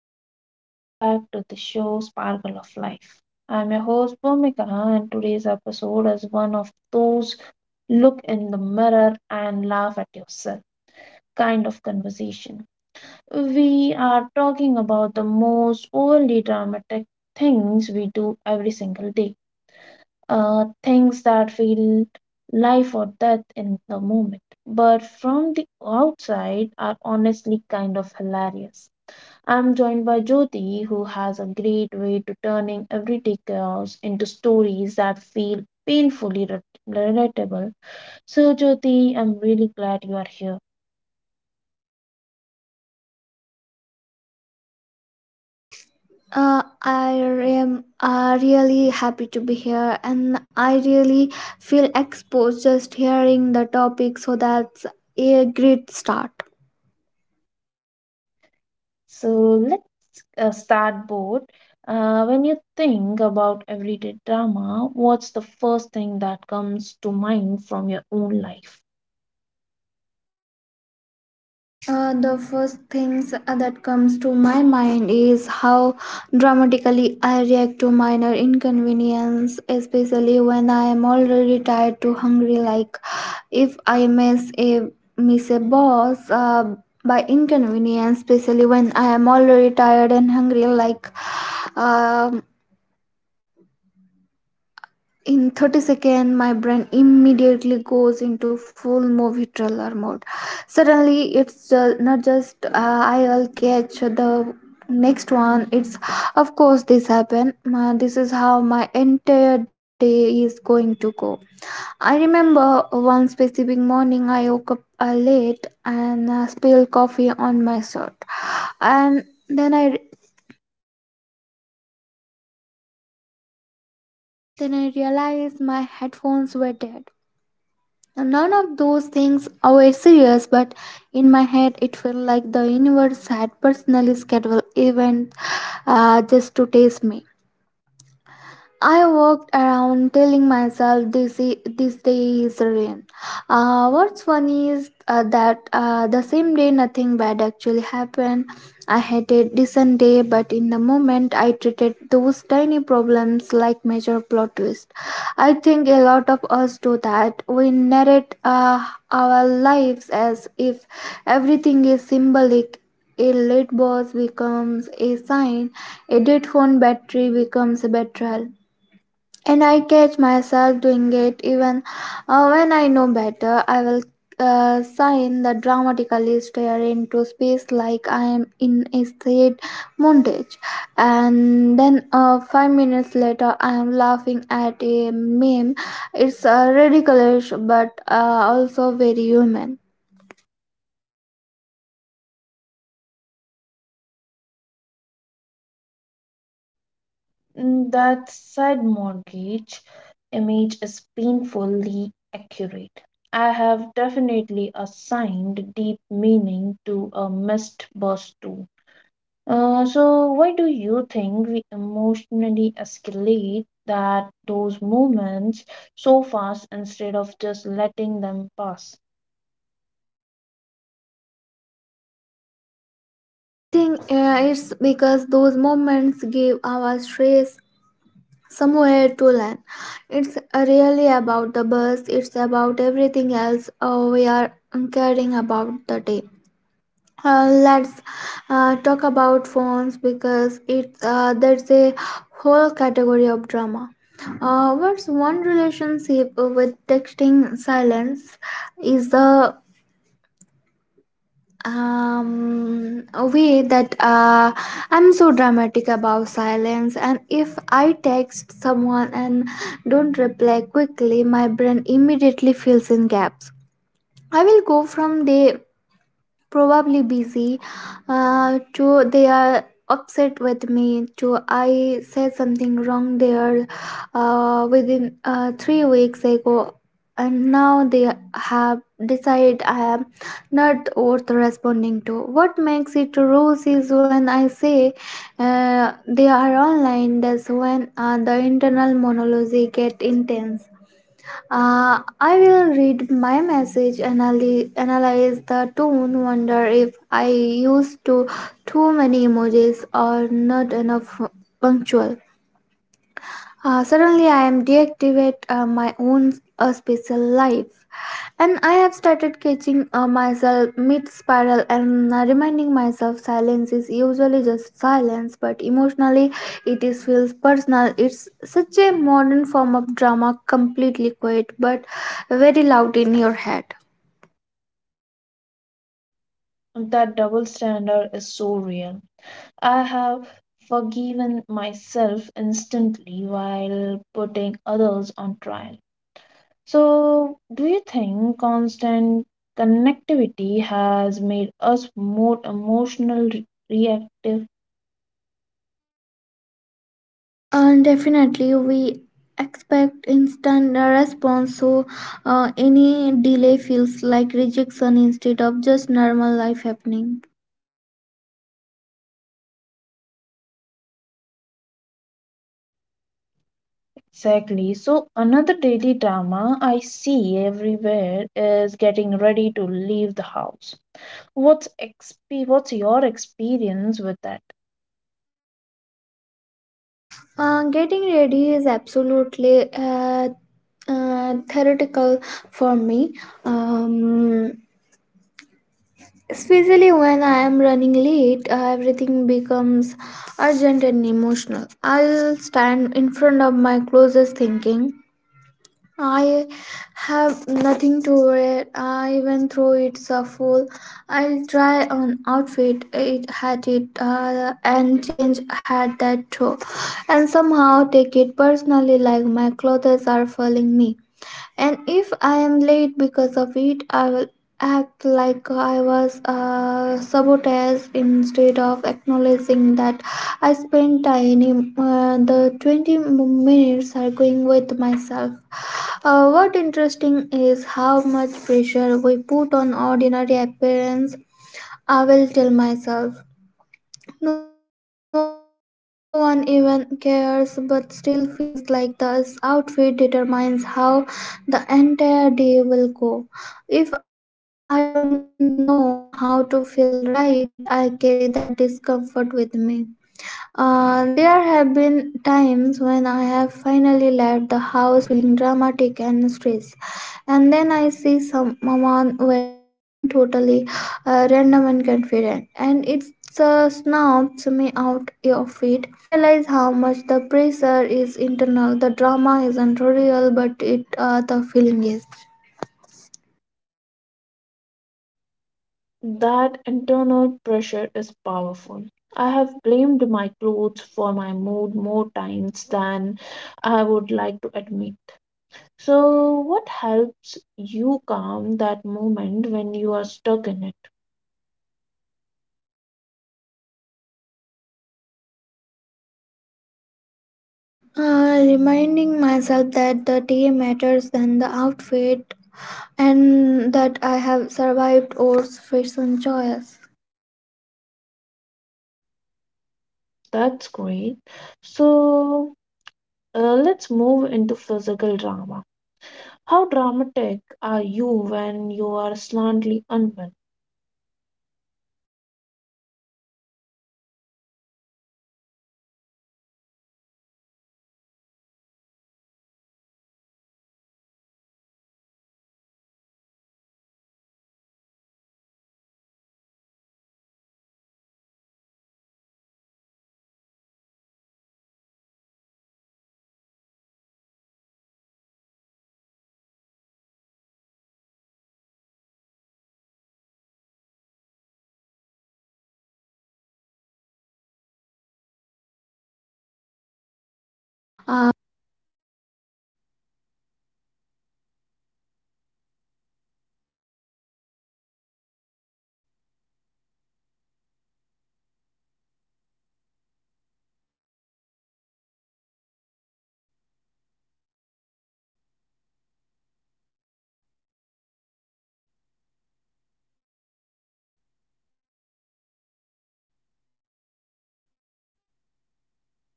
Hello and welcome back to the show Sparkle of Life. I'm your host Bhumika and today's episode is one of those look in the mirror and laugh at yourself kind of conversation. We are talking about the most overly dramatic things we do every single day. Things that feel life or death in the moment, but from the outside are honestly kind of hilarious. I'm joined by Jyoti, who has a great way to turning everyday chaos into stories that feel painfully re- relatable. So, Jyoti, I'm really glad you are here. I am really happy to be here, and I really feel exposed just hearing the topic, so that's a great start. So, let's start board. When you think about everyday drama, what's the first thing that comes to mind from your own life? The first things that comes to my mind is how dramatically I react to minor inconvenience, especially when I am already tired to hungry, like if I miss a boss by inconvenience, especially when I am already tired and hungry, like um in 30 seconds, my brain immediately goes into full movie trailer mode. Suddenly, not just I will catch the next one. It's of course this happen. This is how my entire day is going to go. I remember one specific morning I woke up late and spilled coffee on my shirt, and then I realized my headphones were dead. Now, none of those things were serious, but in my head it felt like the universe had personally scheduled events just to test me. I walked around telling myself this day is rain. What's funny is that the same day nothing bad actually happened. I had a decent day, but in the moment I treated those tiny problems like major plot twist. I think a lot of us do that. We narrate our lives as if everything is symbolic. A late boss becomes a sign, a dead phone battery becomes a betrayal, and I catch myself doing it even when I know better. I will sign the dramatically stare into space like I am in a state montage, and then 5 minutes later, I am laughing at a meme. It's ridiculous but also very human. Mm, that said, mortgage image is painfully accurate. I have definitely assigned deep meaning to a missed bus too. So why do you think we emotionally escalate that those moments so fast instead of just letting them pass? I think it's because those moments give our stress somewhere to land. It's really about the bus, it's about everything else we are caring about the day. Let's talk about phones because it's there's a whole category of drama. What's one relationship with texting silence is the a way that I'm so dramatic about silence, and if I text someone and don't reply quickly, my brain immediately fills in gaps. I will go from day probably busy to they are upset with me to I said something wrong there within 3 weeks ago, and now they have decided I am not worth responding to. What makes it rules is when I say they are online, that's when the internal monologue get intense. I will read my message, analyze the tone, wonder if I used to too many emojis or not enough punctual. Suddenly, I am deactivate my own special life, and I have started catching myself mid spiral and reminding myself silence is usually just silence, but emotionally it is feels personal. It's such a modern form of drama, completely quiet but very loud in your head. That double standard is so real. I have forgiven myself instantly while putting others on trial. So, do you think constant connectivity has made us more emotional, reactive? And definitely, we expect instant response, so any delay feels like rejection instead of just normal life happening. Exactly. So, another daily drama I see everywhere is getting ready to leave the house. What's your experience with that? Getting ready is absolutely theoretical for me. Um, especially when I am running late, everything becomes urgent and emotional. I'll stand in front of my closest thinking I have nothing to wear. I even though it's a fool. I'll try an outfit. It had it and change had that too, and somehow take it personally like my clothes are failing me. And if I am late because of it, I will act like I was sabotaged instead of acknowledging that I spent tiny the 20 minutes arguing with myself. What interesting is how much pressure we put on ordinary appearance. I will tell myself, no one even cares, but still feels like this outfit determines how the entire day will go. If I don't know how to feel right, I carry that discomfort with me. There have been times when I have finally left the house feeling dramatic and stressed, and then I see someone wearing totally random and confident, and it snaps me out of it. I realize how much is internal. The drama isn't real, but it the feeling is. That internal pressure is powerful. I have blamed my clothes for my mood more times than I would like to admit. So, what helps you calm that moment when you are stuck in it? Reminding myself that the day matters than the outfit, and that I have survived or fashion choice. That's great. So, let's move into physical drama. How dramatic are you when you are slightly unwell? Like embarrassing the dramatic, if I have mild headache or cold immediately act like I need uh, cancel my entire life. I will lie down, um, sigh deeply and mentally prepare, then if our a long recovery, even though I know it's probably nothing.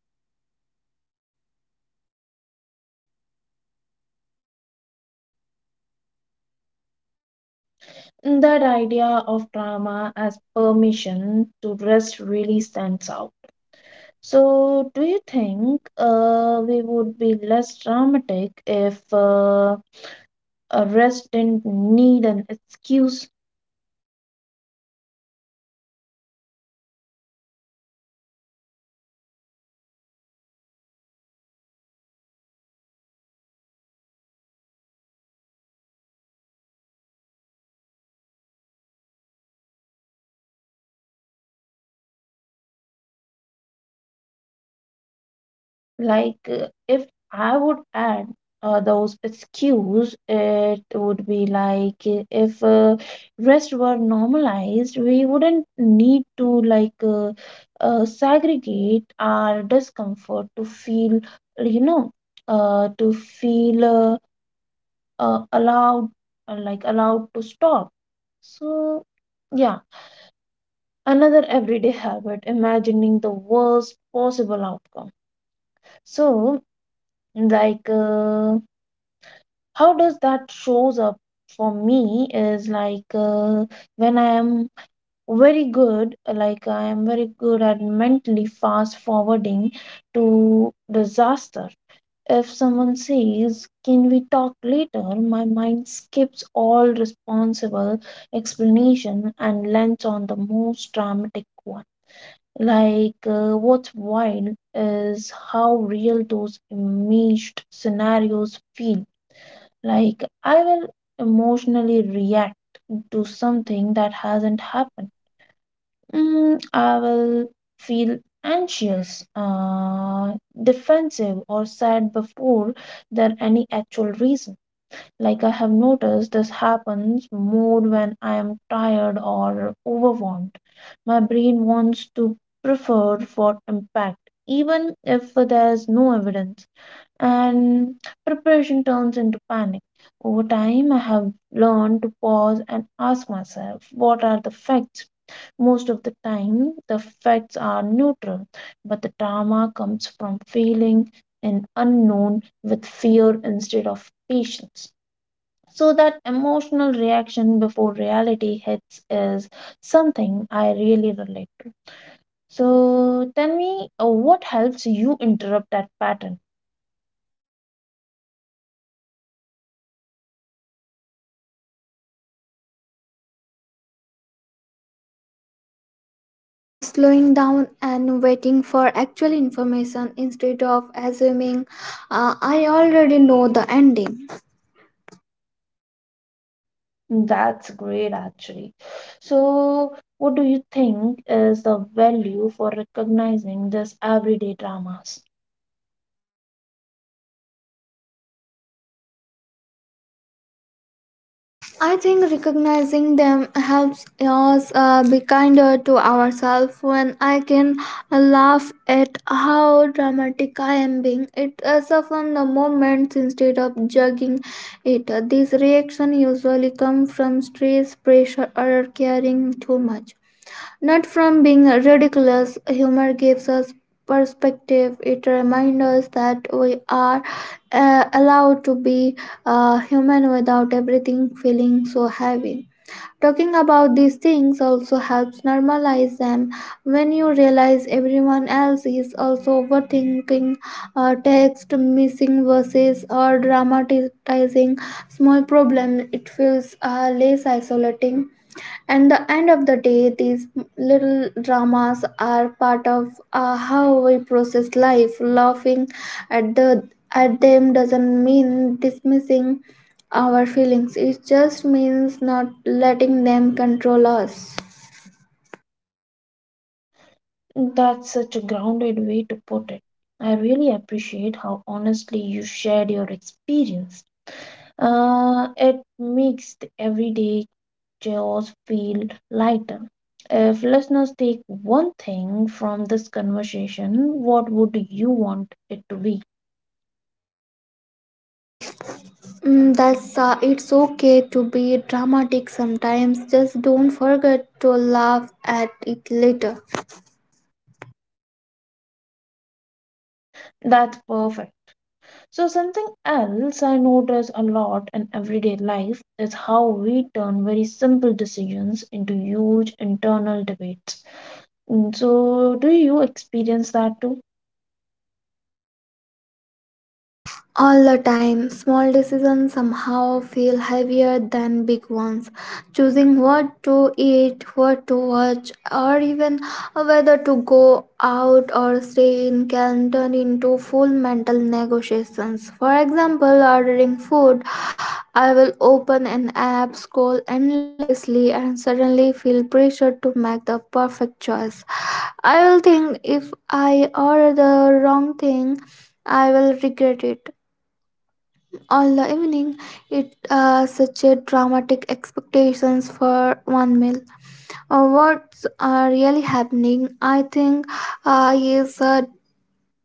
Nothing. Funny is that I will still scroll on my phone or watch something, but That I will idea of drama do as it in permission a to very rest really suffering way. stands out. Like So, mm, do you I think can't believe we would I be have less dramatic if a rest didn't need an excuse like if I would add those excuse it would be like if rest were normalized we wouldn't need to segregate our discomfort to feel you know to feel allowed like allowed to stop so yeah another everyday habit imagining the worst possible outcome so like uh, how does that shows up for me is when I am very good like I am very good at mentally fast forwarding to disaster if someone says can we talk later my mind skips all responsible explanation and lands on the most dramatic one what's wild is how real those imaged scenarios feel like, I will emotionally react to something that hasn't happened. Mm, I will feel anxious, defensive, or sad before there any actual reason. Like, I have noticed this happens more when I am tired or overwhelmed. My brain wants to prefer for impact, even if there is no evidence and preparation turns into panic. Over time, I have learned to pause and ask myself, what are the facts? Most of the time, the facts are neutral, but the drama comes from feeling an unknown with fear instead of patience. So, that emotional reaction before reality hits is something I really relate to. So, tell me what helps you interrupt that pattern? Slowing down and waiting for actual information instead of assuming I already know the ending. That's great, actually. So, what do you think is the value for recognizing this everyday dramas? I think recognizing them helps us be kinder to ourselves. When I can laugh at how dramatic I am being, it softens the moments instead of judging it. These reactions usually come from stress, pressure, or caring too much. Not from being ridiculous, humor gives us perspective. It reminds us that we are allowed to be human without everything feeling so heavy. Talking about these things also helps normalize them. When you realize everyone else is also overthinking text, missing verses, or dramatizing small problems, it feels less isolating. And the end of the day, these little dramas are part of how we process life. Laughing at the at them doesn't mean dismissing our feelings, it just means not letting them control us. That's such a grounded way to put it. I really appreciate how honestly you shared your experience. It makes the everyday chaos feel lighter. If listeners take one thing from this conversation, what would you want it to be? Mm, that's it's okay to be dramatic sometimes, just don't forget to laugh at it later. That's perfect. So, something else I notice a lot in everyday life is how we turn very simple decisions into huge internal debates. Mm, so, do you experience that too? All the time, small decisions somehow feel heavier than big ones. Choosing what to eat, what to watch, or even whether to go out or stay in can turn into full mental negotiations. For example, ordering food, I will open an app, scroll endlessly, and suddenly feel pressure to make the perfect choice. I will think, if I order the wrong thing, I will regret it all the evening. It such a dramatic expectations for one meal. What's really happening, I think is a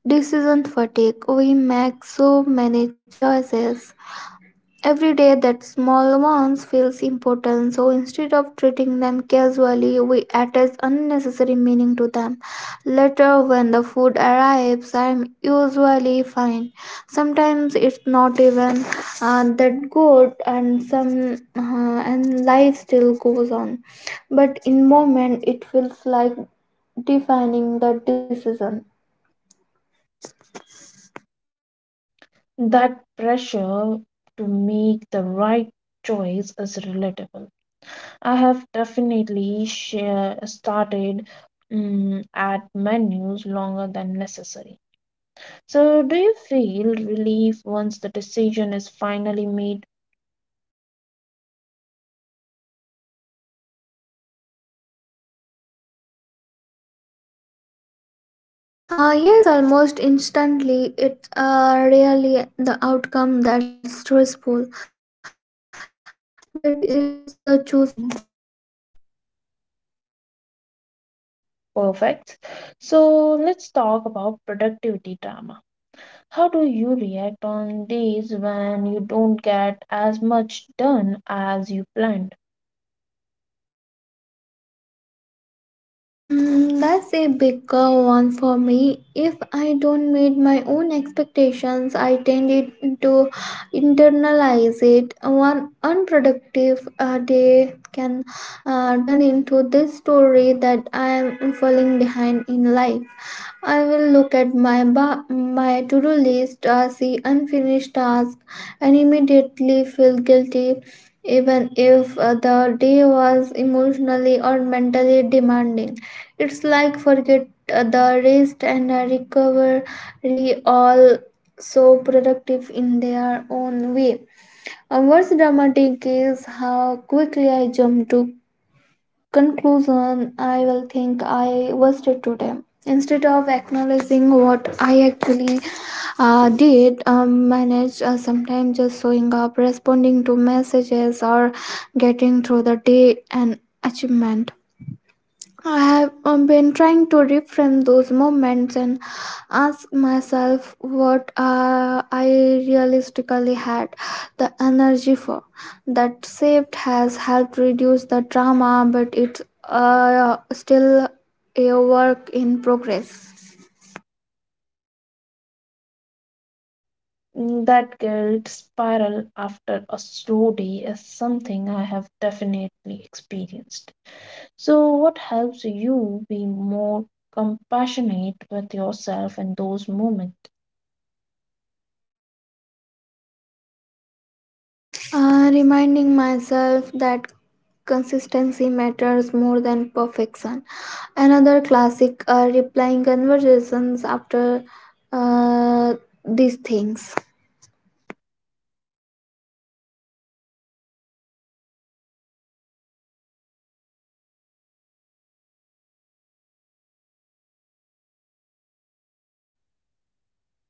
decision fatigue. We make so many choices every day that small ones feels important, so instead of treating them casually, we attach unnecessary meaning to them. Later, when the food arrives, I'm usually fine. Sometimes it's not even that good, and some and life still goes on. But in moment, it feels like defining the decision. That pressure to make the right choice is relatable. I have definitely share, started mm, at menus longer than necessary. So, do you feel relief once the decision is finally made? Yes, almost instantly. It's really the outcome that's stressful, but it's the choosing. Perfect. So let's talk about productivity drama. How do you react on days when you don't get as much done as you planned? Mm, that's a bigger one for me. If I don't meet my own expectations, I tend it to internalize it. One unproductive day turn into this story that I am falling behind in life. I will look at my to-do list, see unfinished tasks, and immediately feel guilty, even if the day was emotionally or mentally demanding. It's like forget the rest and recovery all so productive in their own way. What's dramatic is how quickly I jumped to conclusion. I will think I wasted today, instead of acknowledging what I actually did, manage sometimes just showing up, responding to messages, or getting through the day an achievement. I have been trying to reframe those moments and ask myself what I realistically had the energy for. That shift has helped reduce the drama, but it's still a work in progress. Mm, that guilt spiral after a slow day is something I have definitely experienced. So, what helps you be more compassionate with yourself in those moments? Reminding myself that consistency matters more than perfection. Another classic replying conversations after uh, these things.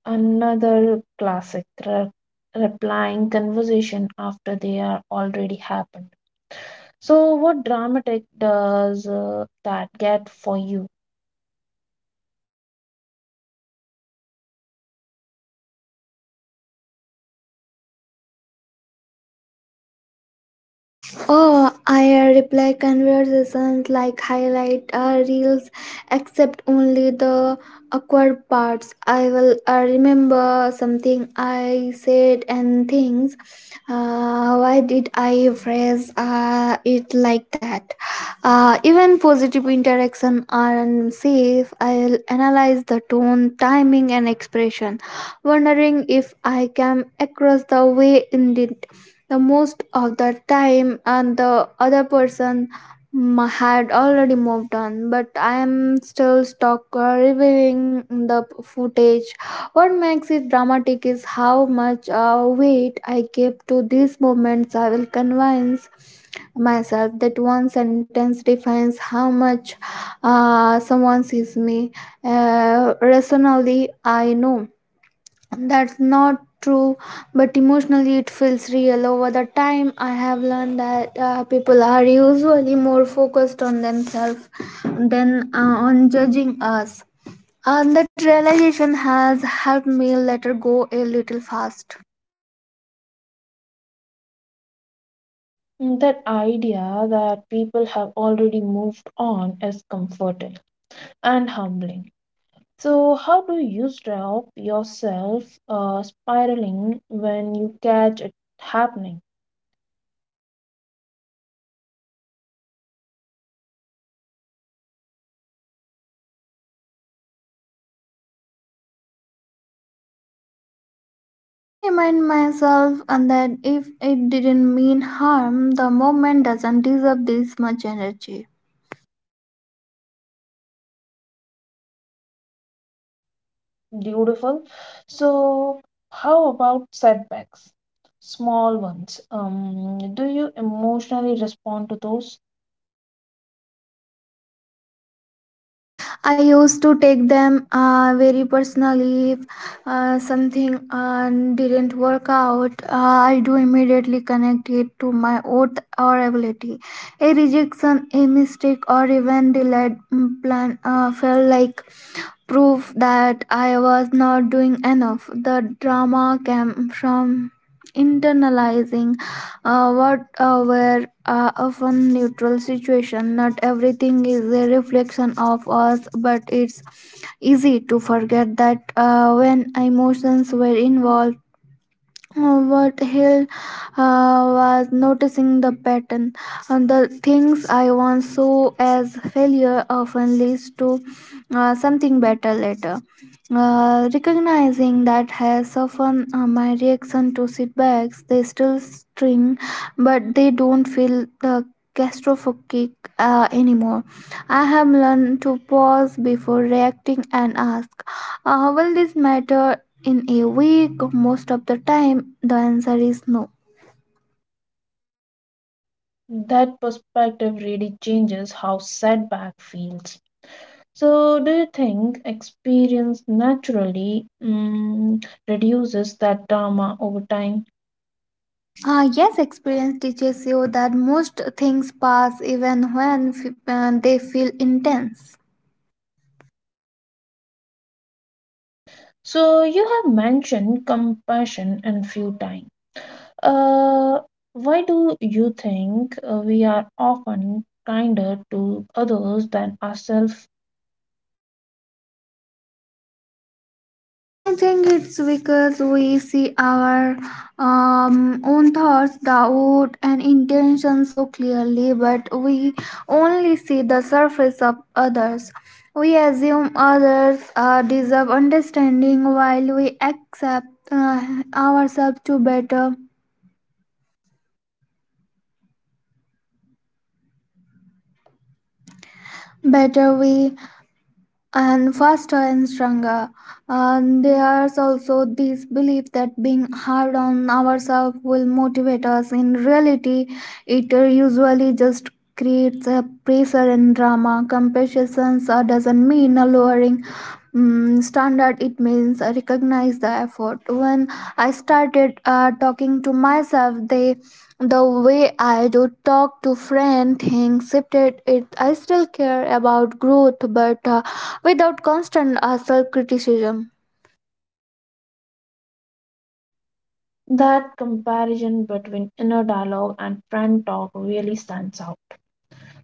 Another classic replying conversation after they are already happened. So, what dramatic does that get for you? Oh, I reply conversations like highlight reels, except only the awkward parts. I will remember something I said and things. Why did I phrase it like that? Even positive interaction aren't safe. I'll analyze the tone, timing, and expression, wondering if I came across the way intended. The most of the time and the other person had already moved on, but I am still stuck reviewing the footage. What makes it dramatic is how much weight I give to these moments. I will convince myself that one sentence defines how much someone sees me. Uh, rationally I know that's not true, but emotionally it feels real. Over the time, I have learned that people are usually more focused on themselves than on judging us. And that realization has helped me let her go a little fast. Mm, that idea that people have already moved on is comforting and humbling. So, how do you stop yourself spiraling when you catch it happening? I remind myself and that if it didn't mean harm, the moment doesn't deserve this much energy. Beautiful. So, how about setbacks? Small ones. Do you emotionally respond to those? I used to take them very personally. If something didn't work out, I do immediately connect it to my oath or ability. A rejection, a mistake, or even delayed plan felt like proof that I was not doing enough. The drama came from internalizing what were often neutral situation, not everything is a reflection of us, but it's easy to forget that when emotions were involved. What Hill was noticing the pattern. And the things I once saw as failure often leads to something better later. Recognizing that has softened my reaction to setbacks, they still sting, but they don't feel the catastrophic anymore. I have learned to pause before reacting and ask, will this matter in a week? Most of the time, the answer is no. That perspective really changes how setback feels. So, do you think experience naturally mm, reduces that drama over time? Ah, yes, experience teaches you that most things pass even when they feel intense. So, you have mentioned compassion and few times. Uh, why do you think we are often kinder to others than ourselves? I think it's because we see our own thoughts, doubt, and intentions so clearly, but we only see the surface of others. We assume others deserve understanding, while we accept ourselves to better way and faster and stronger. And there's also this belief that being hard on ourselves will motivate us. In reality, it usually just creates a pressure and drama. Compassion doesn't mean a lowering standard, it means I recognize the effort. When I started talking to myself the way I do talk to friend, things shifted. It I still care about growth, but without constant self criticism. That comparison between inner dialogue and friend talk really stands out.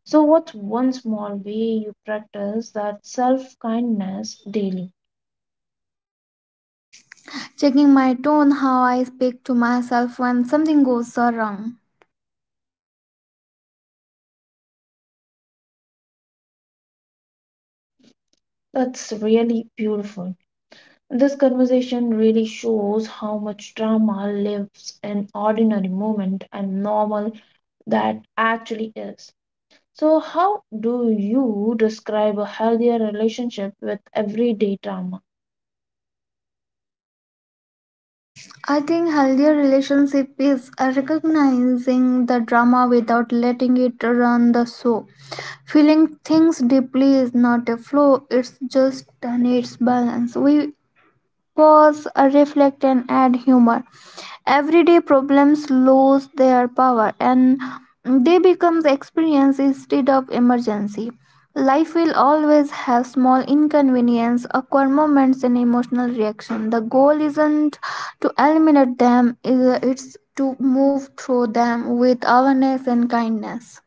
So, what's one small way you practice that self kindness daily? Checking my tone, how I speak to myself when something goes wrong. That's really beautiful. This conversation really shows how much drama lives in ordinary moment and normal that actually is. So, how do you describe a healthier relationship with everyday drama? I think healthier relationship is recognizing the drama without letting it run the show. Feeling things deeply is not a flaw; it's just needs balance. We pause, reflect, and add humor. Everyday problems lose their power and they become experience instead of emergency. Life will always have small inconvenience, awkward moments, and emotional reaction. The goal isn't to eliminate them; it's to move through them with awareness and kindness.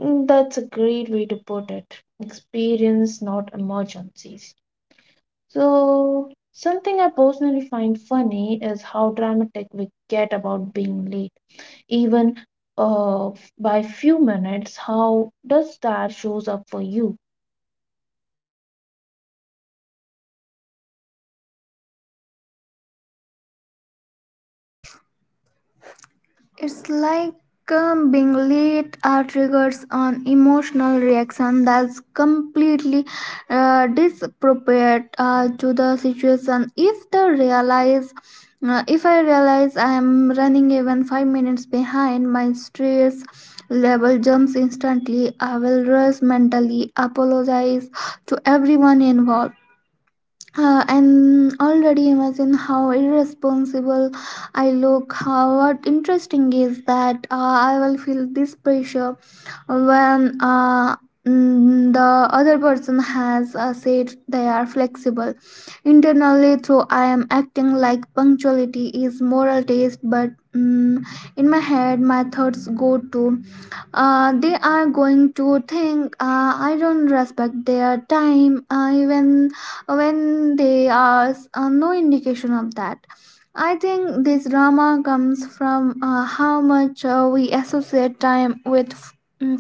Mm, that's a great way to put it. Experience, not emergencies. So, something I personally find funny is how dramatic we get about being late, even by few minutes. How does that shows up for you? It's like being late triggers an emotional reaction that's completely disappropriate to the situation. If I realize I am running even 5 minutes behind, my stress level jumps instantly. I will rush mentally, apologize to everyone involved, and already imagine how irresponsible I look. How what interesting is that I will feel this pressure when the other person has said they are flexible. Internally, though, I am acting like punctuality is moral taste, but in my head, my thoughts go to they are going to think I don't respect their time, even when they are no indication of that. I think this drama comes from how much we associate time with. mm,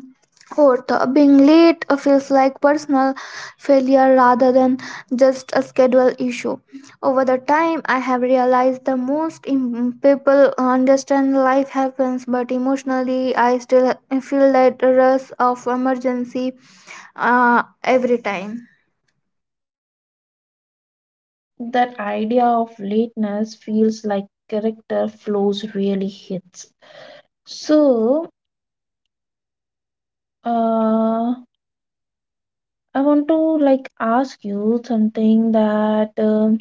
Fourth, being late feels like personal failure rather than just a schedule issue. Over the time, I have realized the most people understand life happens, but emotionally, I still feel that rush of emergency every time. That idea of lateness feels like character flows really hits. So, uh, I want to like ask you something that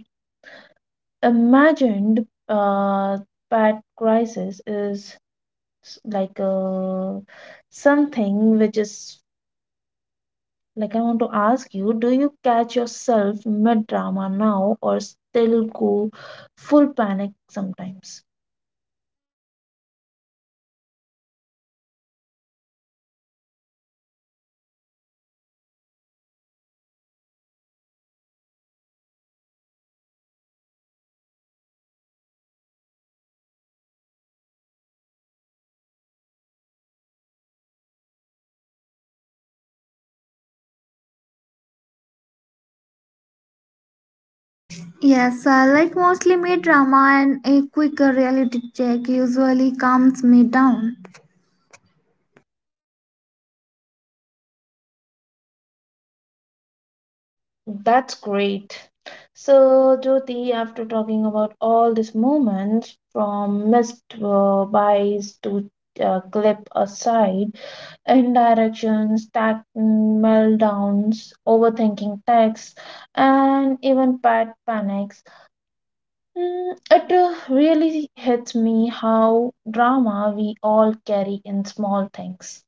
imagined uh, bad crisis is s- like uh, something which is like I want to ask you, do you catch yourself mid drama now or still go full panic sometimes? Yes, I like mostly me drama and a quick reality check usually calms me down. That's great. So, Jyoti, after talking about all these moments from missed buys to clip aside, indirections, tact meltdowns, overthinking texts, and even pet panics. Mm, it really hits me how drama we all carry in small things.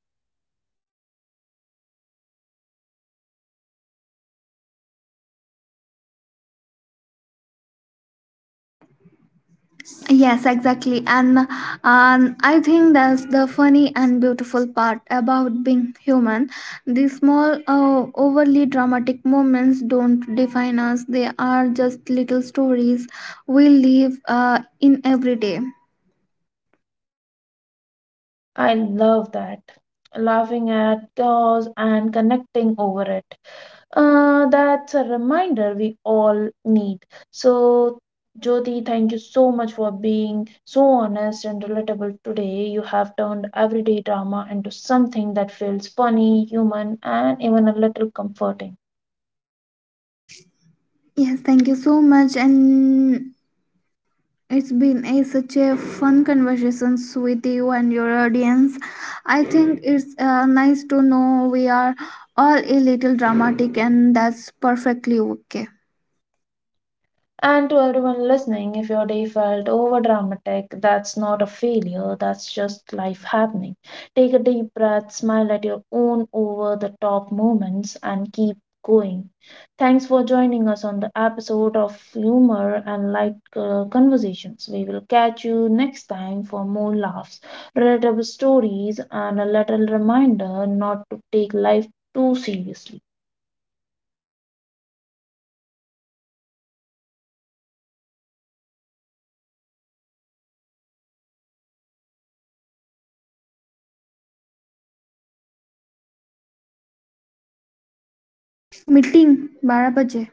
Yes, exactly. And I think that's the funny and beautiful part about being human. The small, overly dramatic moments don't define us, they are just little stories we live in every day. I love that. Laughing at chaos and connecting over it. That's a reminder we all need. So, Jyoti, thank you so much for being so honest and relatable today. You have turned everyday drama into something that feels funny, human, and even a little comforting. Yes, thank you so much. And it's been a, such a fun conversation with you and your audience. I think it's nice to know we are all a little dramatic, and that's perfectly okay. And to everyone listening, if your day felt over dramatic, that's not a failure, that's just life happening. Take a deep breath, smile at your own over the top moments, and keep going. Thanks for joining us on the episode of Humor and Light Conversations. We will catch you next time for more laughs, relatable stories, and a little reminder not to take life too seriously. Meeting बारह बजे।